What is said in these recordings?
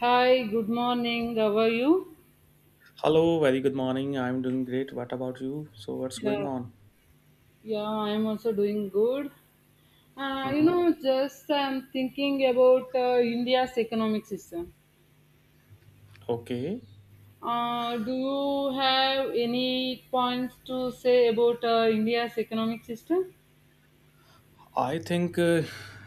Hi, good morning. How are you? Hello, very good morning. I'm doing great. What about you? So, what's going Yeah, on? yeah, I'm also doing good. You hmm know, just I'm thinking about India's economic system. Okay. Do you have any points to say about India's economic system? I think,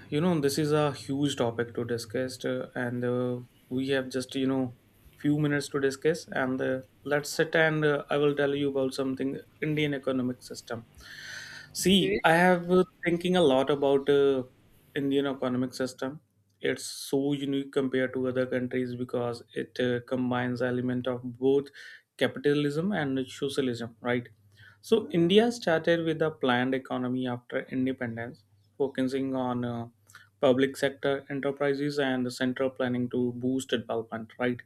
this is a huge topic to discuss, and we have just, few minutes to discuss. And let's sit and I will tell you about something Indian economic system. See, Okay. I have thinking a lot about Indian economic system. It's so unique compared to other countries because it combines element of both capitalism and socialism, right? So India started with a planned economy after independence, focusing on public sector enterprises and central planning to boost development, right?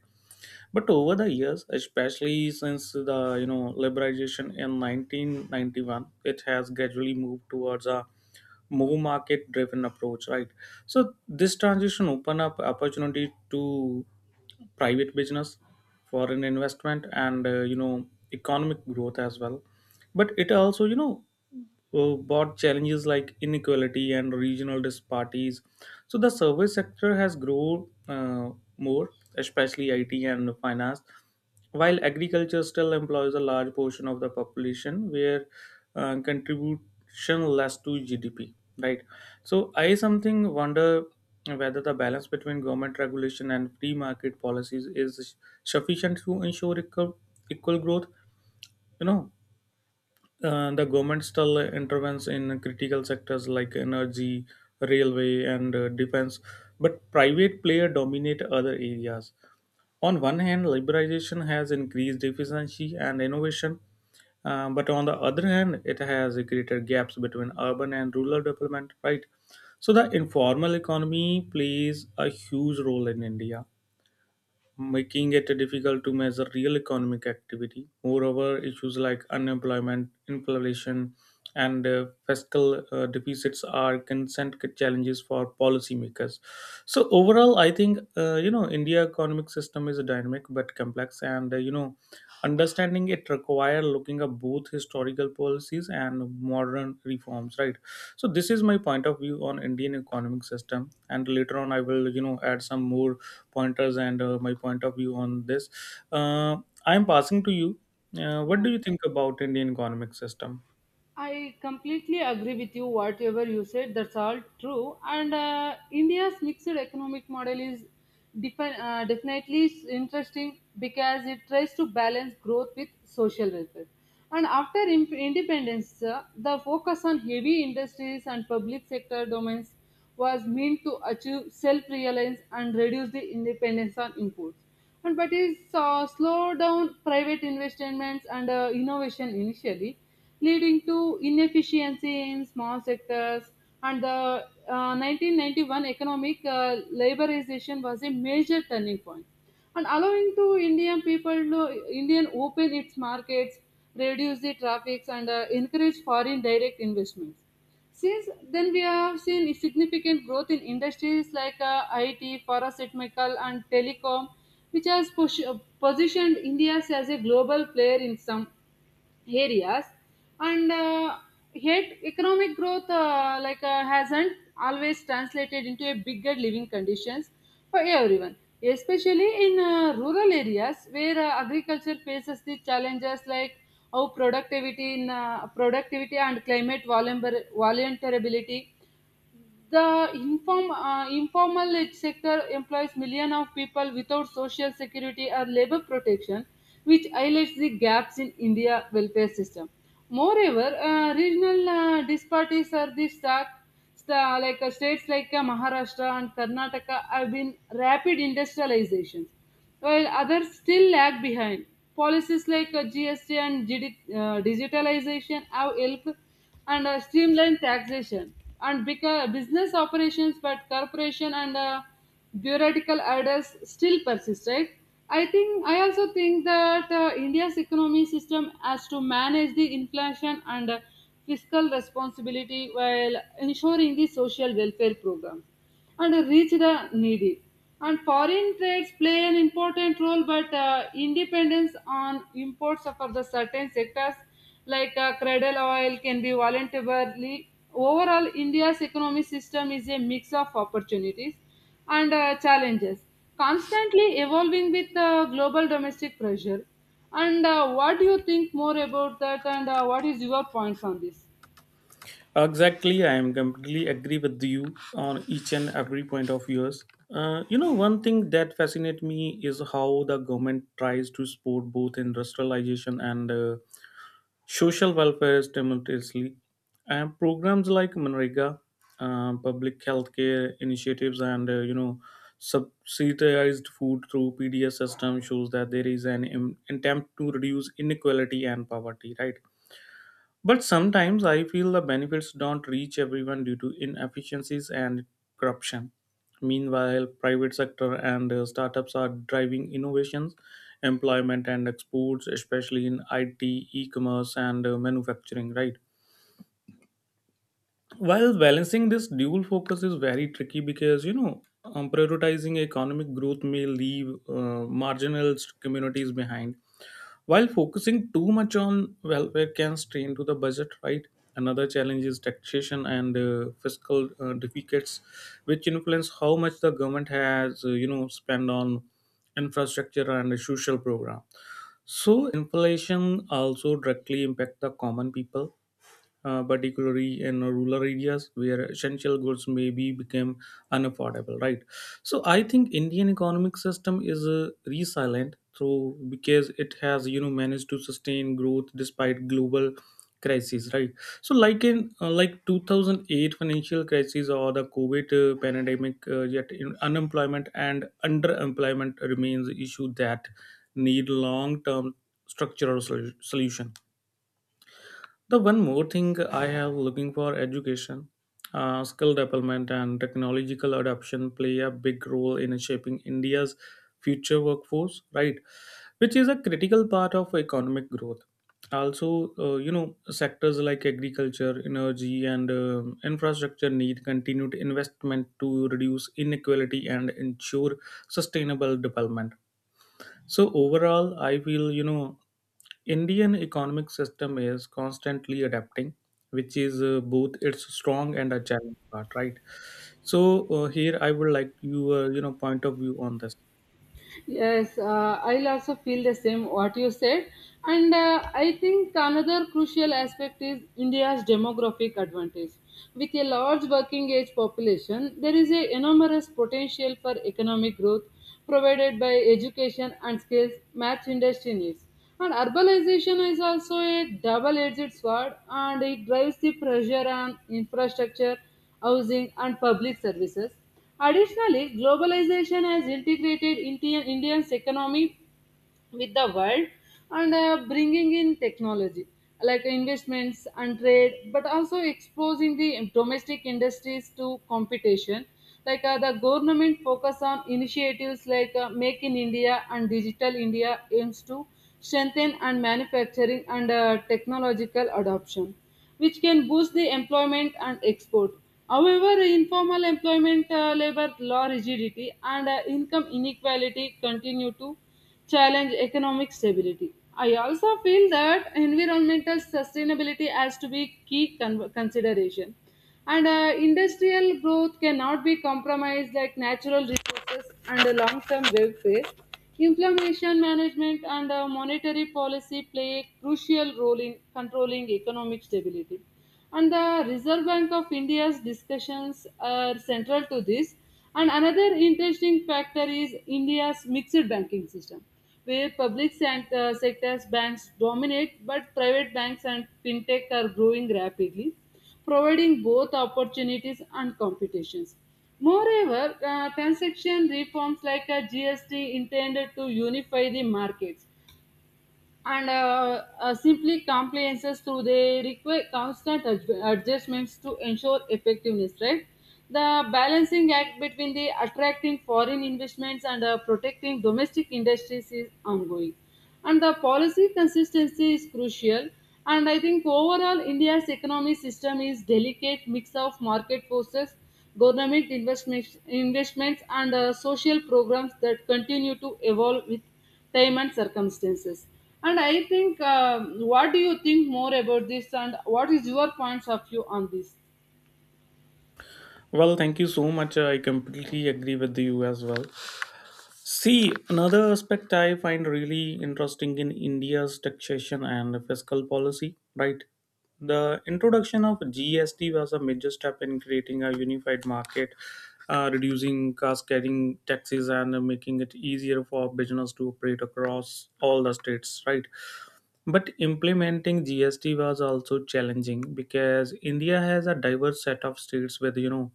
But over the years, especially since the liberalization in 1991, it has gradually moved towards a more market driven approach, right? So this transition open up opportunity to private business, foreign investment, and economic growth as well. But it also brought challenges like inequality and regional disparities. So the service sector has grown more, especially IT and finance. While agriculture still employs a large portion of the population, where contribution less to GDP, right? So I something wonder whether the balance between government regulation and free market policies is sufficient to ensure equal growth. You know, the government still intervenes in critical sectors like energy, railway, and defense, but private player dominate other areas on one hand, liberalization has increased efficiency and innovation, but on the other hand, it has created gaps between urban and rural development, right? So the informal economy plays a huge role in India, making it difficult to measure real economic activity. Moreover, issues like unemployment, inflation, and fiscal deficits are consent challenges for policymakers. So overall, I think India economic system is dynamic but complex, and understanding it require looking at both historical policies and modern reforms, right? So this is my point of view on Indian economic system, and later on I will add some more pointers and my point of view on this. uh, I am passing to you. What Yeah, do you think about Indian economic system? I completely agree with you, whatever you said, that's all true. And India's mixed economic model is definitely interesting because it tries to balance growth with social welfare. And after independence, the focus on heavy industries and public sector domains was meant to achieve self reliance and reduce the dependence on imports, and but it slowed down private investments and innovation initially, leading to inefficiency in small sectors. And the 1991 economic liberalization was a major turning point, and allowing to Indian people to Indian open its markets, reduce the traffics, and encourage foreign direct investments. Since then, we have seen a significant growth in industries like IT, pharmaceutical, and telecom, which has positioned India as a global player in some areas. And uh, yet economic growth hasn't always translated into a bigger living conditions for everyone, especially in rural areas where agriculture faces the challenges like how productivity in productivity and climate vulnerability. The informal sector employs millions of people without social security or labor protection, which highlights the gaps in India welfare system. Moreover, regional disparities are the stark. States like Maharashtra and Karnataka have been rapid industrializations, while others still lag behind. Policies like GST and digitalization have helped and streamline taxation and business operations, but corporation and bureaucratical orders still persist, right? I also think that India's economy system has to manage the inflation and fiscal responsibility while ensuring the social welfare program and reach the needy. And foreign trades play an important role, but independence on imports for the certain sectors like cradle oil can be voluntarily. Overall, India's economic system is a mix of opportunities and challenges, constantly evolving with global domestic pressure. And What do you think more about that? And What is your points on this? Exactly, I am completely agree with you on each and every point of yours. One thing that fascinates me is how the government tries to support both industrialization and social welfare is simultaneously, and programs like Manrega, public health care initiatives, and subsidized food through PDS system shows that there is an attempt to reduce inequality and poverty. Right, but sometimes I feel the benefits don't reach everyone due to inefficiencies and corruption. Meanwhile, private sector and startups are driving innovations, employment and exports, especially in IT, e-commerce and manufacturing, right? While balancing this dual focus is very tricky because, prioritizing economic growth may leave marginalized communities behind while focusing too much on welfare can strain to the budget, right? Another challenge is taxation and fiscal deficits, which influence how much the government has, spent on infrastructure and social program. So inflation also directly impact the common people, particularly in rural areas where essential goods maybe became unaffordable, right? So I think Indian economic system is resilient through because it has managed to sustain growth despite global crises, right? So like in 2008 financial crisis or the COVID pandemic, yet in unemployment and underemployment remains issue that need long term structural solution. The one more thing I have looking for education, skill development, and technological adoption play a big role in shaping India's future workforce, right? Which is a critical part of economic growth. Also, sectors like agriculture, energy, and infrastructure need continued investment to reduce inequality and ensure sustainable development. So overall, I feel Indian economic system is constantly adapting, which is both its strong and a challenge part, right? So here I would like your point of view on this. Yes, I'll also feel the same what you said. And I think another crucial aspect is India's demographic advantage. With a large working age population, there is a enormous potential for economic growth provided by education and skills match industry needs. And urbanization is also a double edged sword and it drives the pressure on infrastructure, housing, and public services. Additionally, globalization has integrated India's economy with the world and bringing in technology like investments and trade, but also exposing the domestic industries to competition, like the government focus on initiatives like Make in India and Digital India aims to strengthen and manufacturing and technological adoption, which can boost the employment and export. However, informal employment, labor law rigidity, and income inequality continue to challenge economic stability. I also feel that environmental sustainability has to be key consideration. And Industrial growth cannot be compromised like natural resources and the long-term welfare. Inflammation management and monetary policy play a crucial role in controlling economic stability, and the Reserve Bank of India's discussions are central to this. And another interesting factor is India's mixed banking system, where sectors banks dominate but private banks and fintech are growing rapidly, providing both opportunities and competitions. Moreover, transaction reforms like a GST intended to unify the markets and simply compliances through they require constant adjustments to ensure effectiveness, right? The balancing act between the attracting foreign investments and protecting domestic industries is ongoing, and the policy consistency is crucial. And I think overall India's economic system is delicate mix of market forces, government investments and social programs that continue to evolve with time and circumstances. And I think What do you think more about this? And what is your points of view on this? Well, thank you so much. I completely agree with you as well. See, another aspect I find really interesting in India's taxation and fiscal policy, right? The introduction of GST was a major step in creating a unified market, reducing cost carrying taxes, and making it easier for business to operate across all the states, right? But implementing GST was also challenging because India has a diverse set of states with, you know,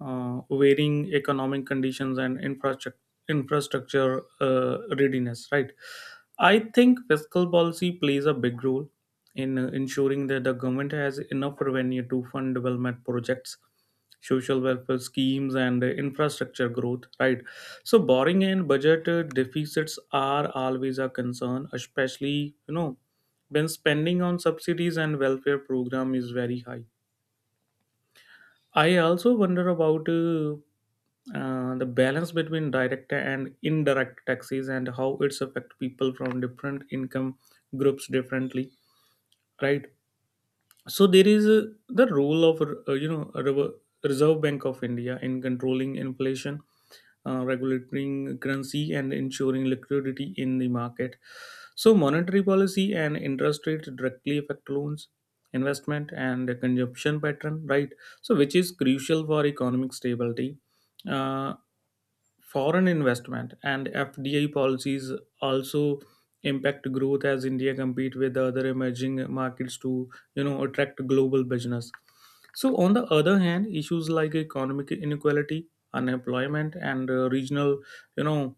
uh, varying economic conditions and infrastructure readiness, right? I think fiscal policy plays a big role in ensuring that the government has enough revenue to fund development projects, social welfare schemes, and infrastructure growth, right? So borrowing and budget deficits are always a concern, especially when spending on subsidies and welfare program is very high. I also wonder about the balance between direct and indirect taxes and how it's affect people from different income groups differently, right? So there is the role of reserve bank of india in controlling inflation, regulating currency, and ensuring liquidity in the market. So monetary policy and interest rate directly affect loans, investment and the consumption pattern, right? So which is crucial for economic stability. Uh, Foreign investment and FDI policies also impact growth as India compete with other emerging markets to attract global business. So on the other hand, issues like economic inequality, unemployment, and regional you know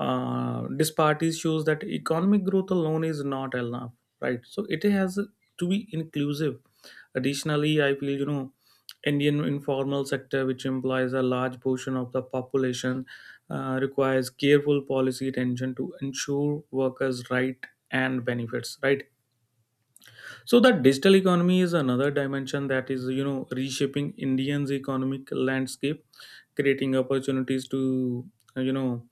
this party shows that economic growth alone is not enough, right? So it has to be inclusive. Additionally, I feel Indian informal sector, which implies a large portion of the population, requires careful policy attention to ensure workers right and benefits, right? So that digital economy is another dimension that is reshaping Indians' economic landscape, creating opportunities to you know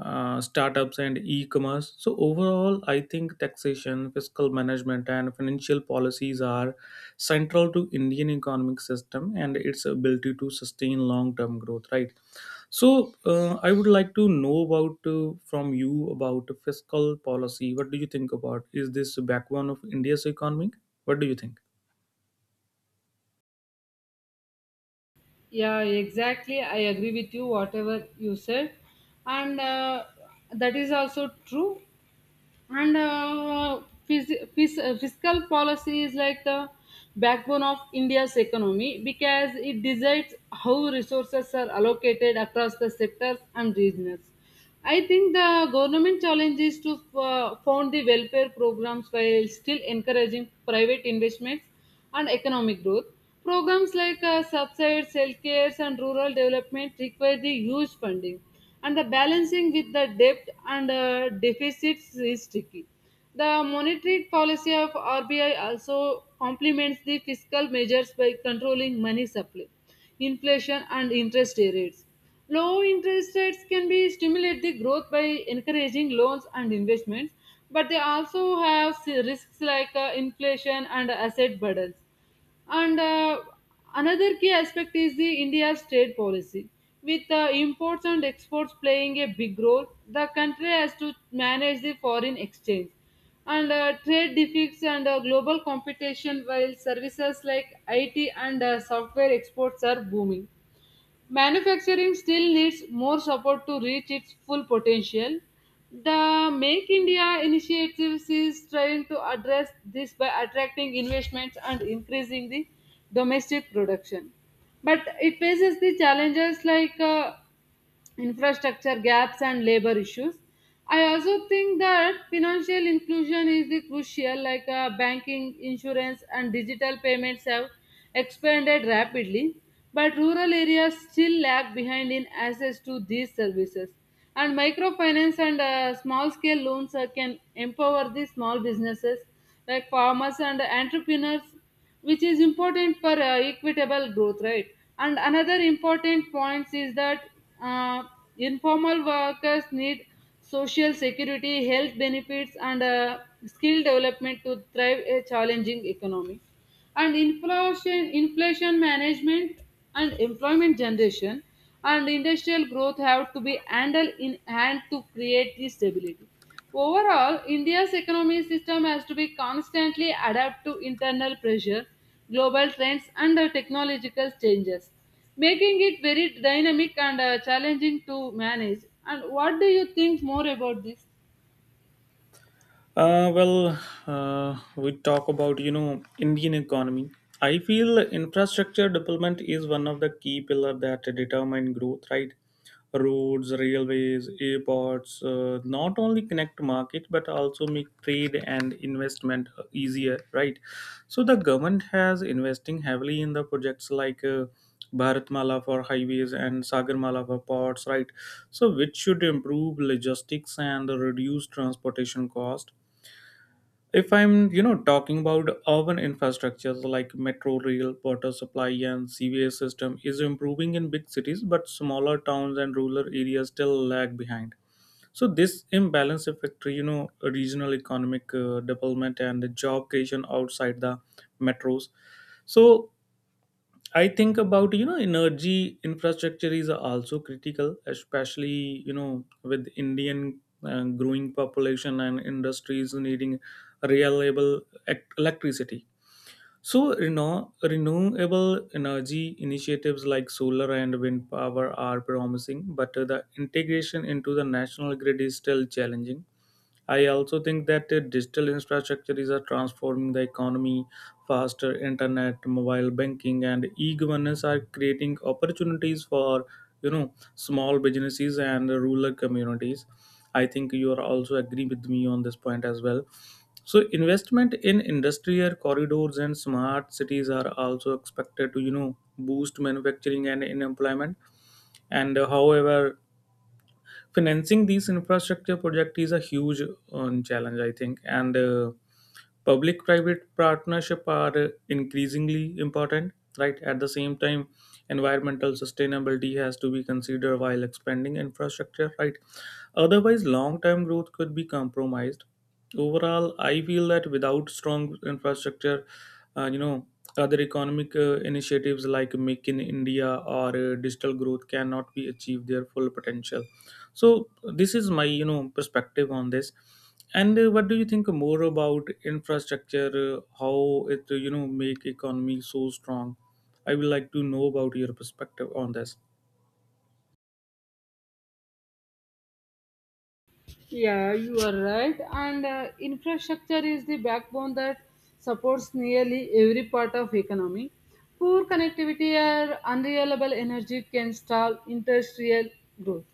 startups and e-commerce. So overall, I think taxation, fiscal management, and financial policies are central to Indian economic system and its ability to sustain long-term growth. Right, so I would like to know about from you about fiscal policy. What do you think about? Is this backbone of India's economy? What do you think? Yeah, exactly. I agree with you, whatever you said. And That is also true. and uh, Fiscal policy is like the backbone of India's economy because it decides how resources are allocated across the sectors and regions. I think the government challenge is to fund the welfare programs while still encouraging private investments and economic growth. Programs like subsides, health and rural development require the huge funding, and the balancing with the debt and deficits is tricky. The monetary policy of RBI also complements the fiscal measures by controlling money supply, inflation, and interest rates. Low interest rates can be stimulate the growth by encouraging loans and investments, but they also have risks like inflation and asset burdens. And Another key aspect is the India's trade policy. With imports and exports playing a big role, the country has to manage the foreign exchange and trade deficits and global competition, while services like IT and software exports are booming. Manufacturing still needs more support to reach its full potential. The Make India initiative is trying to address this by attracting investments and increasing the domestic production. But it faces the challenges like infrastructure gaps and labor issues. I also think that financial inclusion is the crucial, like banking insurance and digital payments have expanded rapidly, but rural areas still lag behind in access to these services. And microfinance and small scale loans can empower the small businesses like farmers and entrepreneurs, which is important for equitable growth, right? And another important point is that uh, informal workers need social security, health benefits, and skill development to thrive a challenging economy. And inflation management and employment generation and industrial growth have to be handled in hand to create this stability. Overall, India's economic system has to be constantly adapt to internal pressure, global trends, and the technological changes, making it very dynamic and challenging to manage. And what do you think more about this? Uh, well, we talk about Indian economy. I feel infrastructure development is one of the key pillar that determine growth. Right, roads, railways, airports not only connect market but also make trade and investment easier. Right, so the government has investing heavily in the projects like. Bharatmala for highways and Sagarmala for ports, right? So, which should improve logistics and reduce transportation cost. If I'm talking about urban infrastructures like metro rail, water supply, and cva system is improving in big cities but smaller towns and rural areas still lag behind. So this imbalance affects, regional economic development and the job creation outside the metros. So I think about energy infrastructure is also critical, especially with Indian growing population and industries needing reliable electricity. So renewable energy initiatives like solar and wind power are promising, but the integration into the national grid is still challenging. I also think that the digital infrastructure is transforming the economy. Faster internet, mobile banking, and e-governance are creating opportunities for small businesses and rural communities. I think you are also agree with me on this point as well. So investment in industrial corridors and smart cities are also expected to boost manufacturing and in employment. And however, financing these infrastructure projects is a huge challenge I think, and public private partnership are increasingly important, right? At the same time, environmental sustainability has to be considered while expanding infrastructure, right? Otherwise long term growth could be compromised. Overall, I feel that without strong infrastructure, uh, you know other economic initiatives like make in india or digital growth cannot be achieved their full potential. So this is my perspective on this. And what do you think more about infrastructure? How it make economy so strong? I would like to know about your perspective on this. Yeah, you are right. And Infrastructure is the backbone that supports nearly every part of economy. Poor connectivity or unreliable energy can stall industrial growth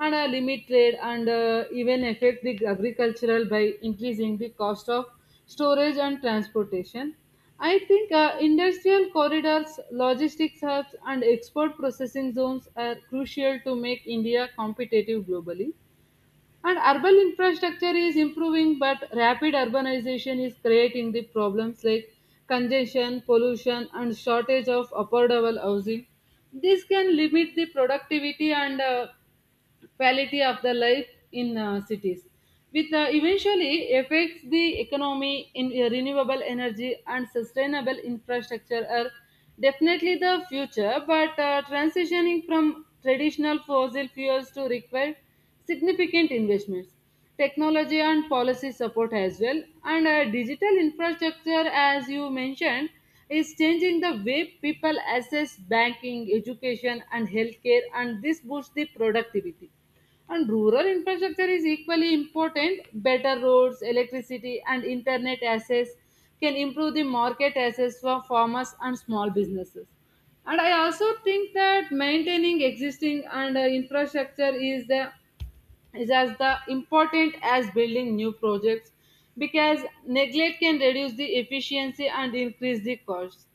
and limit trade and even affect the agricultural by increasing the cost of storage and transportation. I think industrial corridors, logistics hubs, and export processing zones are crucial to make India competitive globally. And urban infrastructure is improving, but rapid urbanization is creating the problems like congestion, pollution, and shortage of affordable housing. This can limit the productivity and quality of the life in cities, which eventually affects the economy. In renewable energy and sustainable infrastructure are definitely the future. But transitioning from traditional fossil fuels to require significant investments, technology and policy support as well. And digital infrastructure, as you mentioned, is changing the way people access banking, education, and healthcare, and this boosts the productivity. And rural infrastructure is equally important. Better roads, electricity, and internet access can improve the market access for farmers and small businesses. And I also think that maintaining existing and infrastructure is the is as the important as building new projects, because neglect can reduce the efficiency and increase the costs.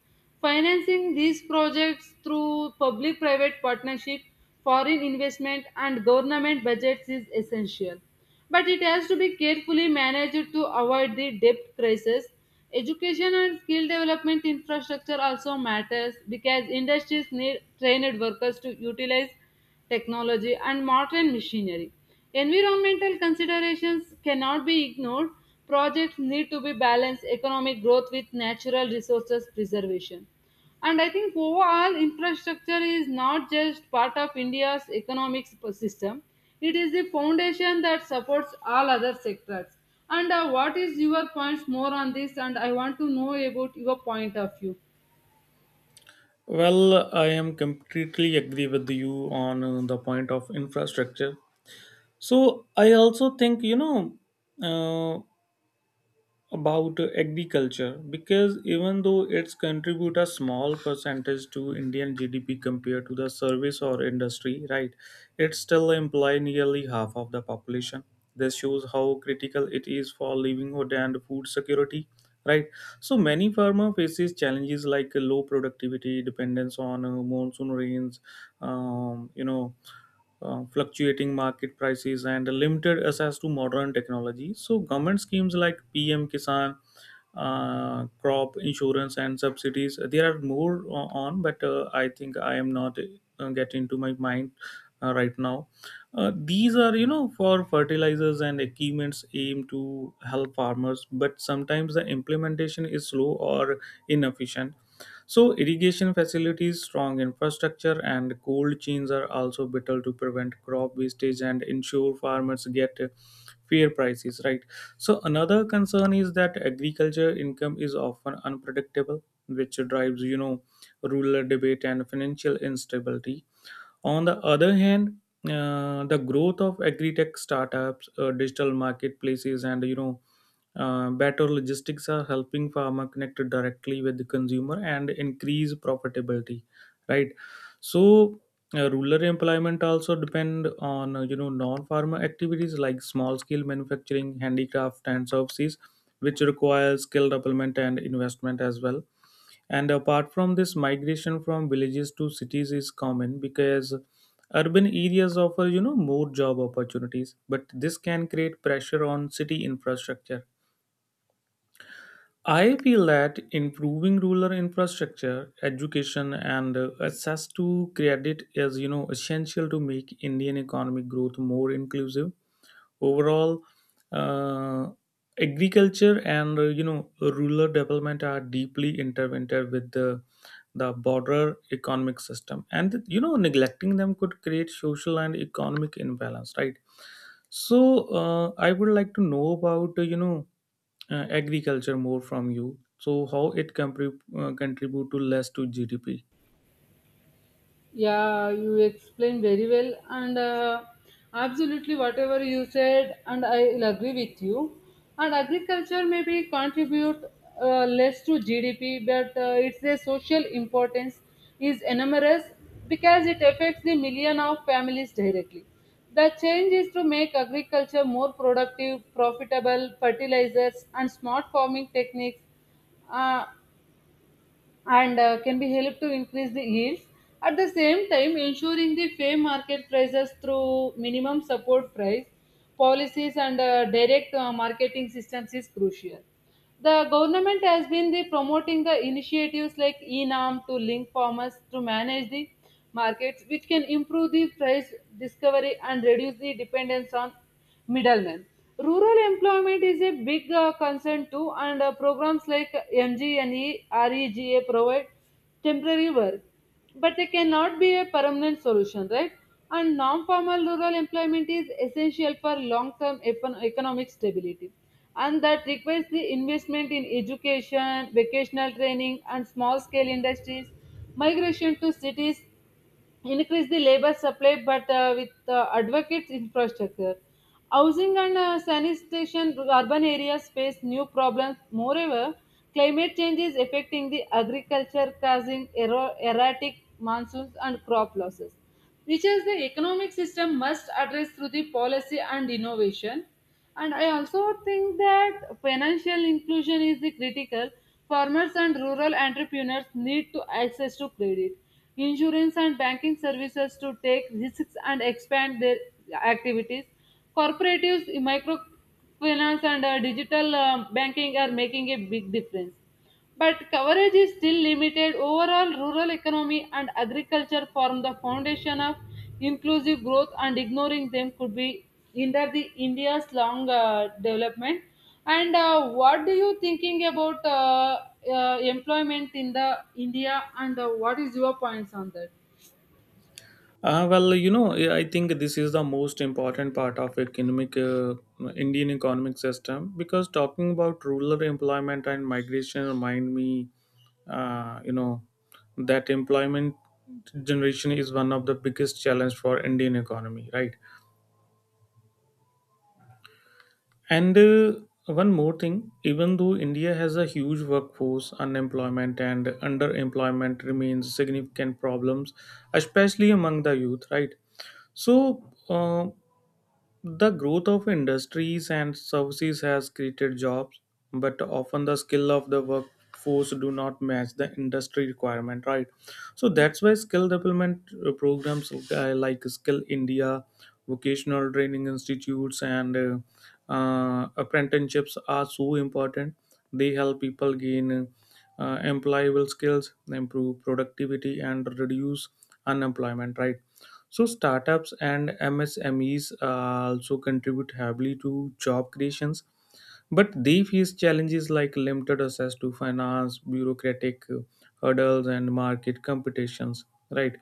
Financing these projects through public private partnership, foreign investment, and government budgets is essential. But it has to be carefully managed to avoid the debt crisis. Education and skill development infrastructure also matters because industries need trained workers to utilize technology and modern machinery. Environmental considerations cannot be ignored. Projects need to be balanced economic growth with natural resources preservation. And I think overall infrastructure is not just part of India's economic system, it is the foundation that supports all other sectors. And What is your points more on this? And I want to know about your point of view. Well, I am completely agree with you on the point of infrastructure. So I also think, uh, about agriculture, because even though it's contribute a small percentage to Indian GDP compared to the service or industry, right, it still employ nearly half of the population. This shows how critical it is for livelihood and food security, right? So many farmer faces challenges like low productivity, dependence on monsoon rains, um, you know fluctuating market prices, and limited access to modern technology. So government schemes like PM Kisan, crop insurance and subsidies, there are more on, but I think I am not getting into my mind right now. These are you know for fertilizers and equipments aim to help farmers, but sometimes the implementation is slow or inefficient. So, irrigation facilities, strong infrastructure, and cold chains are also vital to prevent crop wastage and ensure farmers get fair prices, right? So, another concern is that agriculture income is often unpredictable, which drives, you know, rural debate and financial instability. On the other hand, the growth of agri-tech startups, digital marketplaces, and you know, better logistics are helping farmer connect directly with the consumer and increase profitability, right? So, rural employment also depend on you know non-farmer activities like small-scale manufacturing, handicraft, and services, which require skill development and investment as well. And apart from this, migration from villages to cities is common because urban areas offer, you know, more job opportunities, but this can create pressure on city infrastructure. I feel that improving rural infrastructure, education, and access to credit is, you know, essential to make Indian economic growth more inclusive overall. uh, Agriculture and you know rural development are deeply intertwined with the broader economic system, and you know neglecting them could create social and economic imbalance, right? So I would like to know about you know agriculture more from you. So how it can contribute to less to gdp? Yeah, you explained very well, and absolutely whatever you said, and I will agree with you. And agriculture maybe contribute less to GDP, but its a social importance is enormous because it affects the million of families directly. The change is to make agriculture more productive, profitable, fertilizers, and smart farming techniques Uh, and can be helped to increase the yields. At the same time, ensuring the fair market prices through minimum support price policies and direct marketing systems is crucial. The government has been the promoting the initiatives like ENAM to link farmers to manage the markets, which can improve the price discovery and reduce the dependence on middlemen. Rural employment is a big concern too, and programs like MGNE provide temporary work, but they cannot be a permanent solution, right? And non formal rural employment is essential for long term economic stability. And that requires the investment in education, vocational training, and small scale industries. Migration to cities, increase the labor supply, but with advocates infrastructure, housing and sanitation to urban areas face new problems. Moreover, climate change is affecting the agriculture, causing erratic monsoons and crop losses, which is the economic system must address through the policy and innovation. And I also think that financial inclusion is the critical. Farmers and rural entrepreneurs need to access to credit insurance and banking services to take risks and expand their activities. Cooperatives, microfinance and digital banking are making a big difference, but coverage is still limited. Overall, rural economy and agriculture form the foundation of inclusive growth, and ignoring them could be hinder the India's long development. And What do you thinking about employment in the India? And What is your points on that? Well, you know, I think this is the most important part of economic Indian economic system, because talking about rural employment and migration remind me, uh, you know, that employment generation is one of the biggest challenge for Indian economy, right? And one more thing, even though India has a huge workforce, unemployment and underemployment remains significant problems, especially among the youth, right? So the growth of industries and services has created jobs, but often the skill of the workforce do not match the industry requirement, right? So that's why skill development programs like Skill India, vocational training institutes, and apprenticeships are so important. They help people gain employable skills, improve productivity, and reduce unemployment, right? So startups and MSMEs also contribute heavily to job creations, but they face challenges like limited access to finance, bureaucratic hurdles, and market competitions. Right.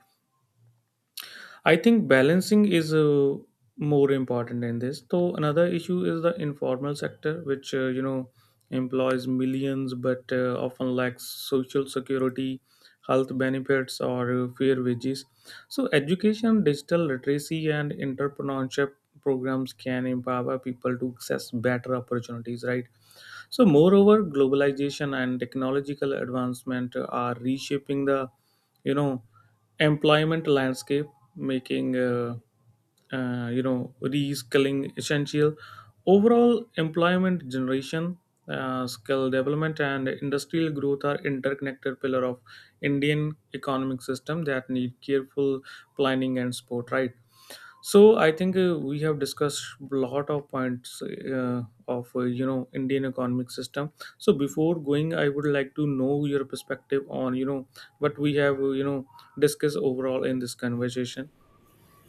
I think balancing is more important in this. So another issue is the informal sector, which you know employs millions but often lacks social security, health benefits, or fair wages. So education, digital literacy, and entrepreneurship programs can empower people to access better opportunities. Right. So, moreover, globalization and technological advancement are reshaping the, you know, employment landscape, making, you know, reskilling essential. Overall, employment generation, skill development, and industrial growth are interconnected pillar of Indian economic system that need careful planning and support. Right. So I think we have discussed a lot of points of you know Indian economic system. So before going, I would like to know your perspective on you know what we have you know discussed overall in this conversation.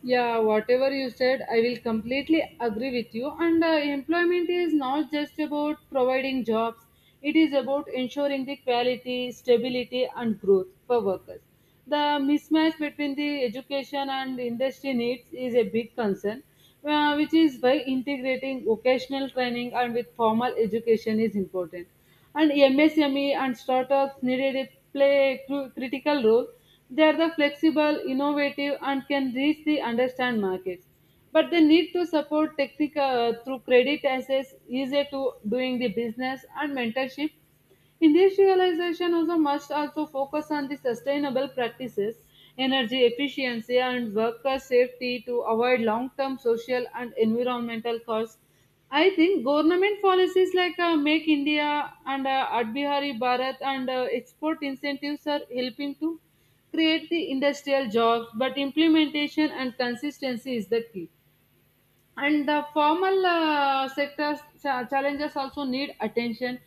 Yeah, whatever you said, I will completely agree with you. And Employment is not just about providing jobs, it is about ensuring the quality, stability, and growth for workers. The mismatch between the education and industry needs is a big concern, which is why integrating vocational training and with formal education is important. And MSME and startups needed to play a critical role. They are the flexible, innovative, and can reach the understand markets. But they need to support technical through credit access, easier to doing the business and mentorship. Industrialization also must also focus on the sustainable practices, energy efficiency, and worker safety to avoid long-term social and environmental costs. I think government policies like Make India and Adbihari Bharat and export incentives are helping to create the industrial jobs, but implementation and consistency is the key. And the formal sectors challenges also need attention.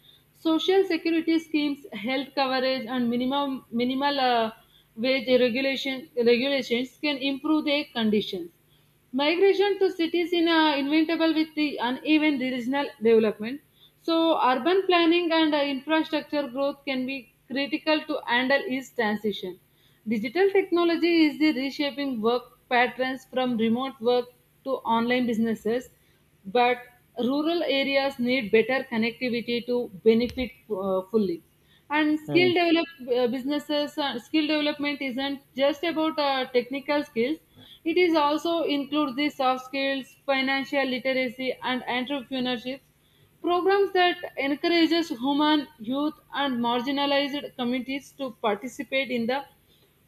Social security schemes, health coverage, and minimum minimal wage regulations can improve their conditions. Migration to cities in inventable with the uneven regional development, so urban planning and infrastructure growth can be critical to handle east transition. Digital technology is the reshaping work patterns from remote work to online businesses, but rural areas need better connectivity to benefit fully. And Hmm. Skill development isn't just about technical skills. It is also includes the soft skills, financial literacy, and entrepreneurship programs that encourages human youth and marginalized communities to participate in the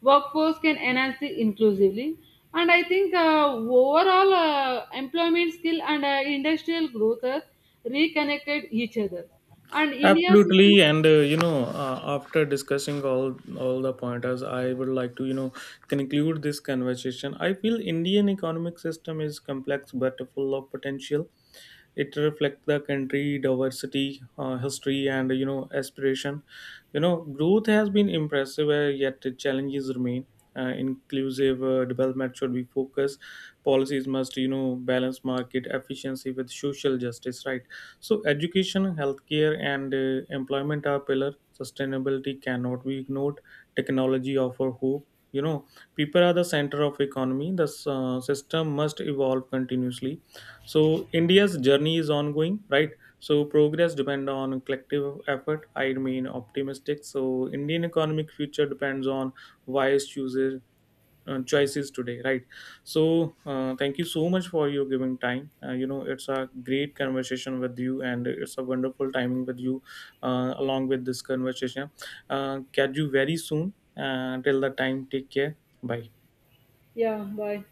workforce can enhance the inclusively. And I think overall employment skill and industrial growth are reconnected each other and India's Absolutely, and after discussing all the pointers, I would like to you know conclude this conversation. I feel Indian economic system is complex but full of potential. It reflects the country diversity, history, and you know aspiration. You know growth has been impressive, yet the challenges remain. Inclusive development should be focused. Policies must you know balance market efficiency with social justice, right? So education, healthcare, and employment are pillar. Sustainability cannot be ignored. Technology offer hope, you know. People are the center of economy. The system must evolve continuously. So india's journey is ongoing, right? So progress depend on collective effort. I remain optimistic, so indian economic future depends on wise chooses choices today, right? So thank you so much for your giving time, you know it's a great conversation with you and it's a wonderful timing with you along with this conversation. Catch you very soon, till the time take care. Bye. yeah, bye.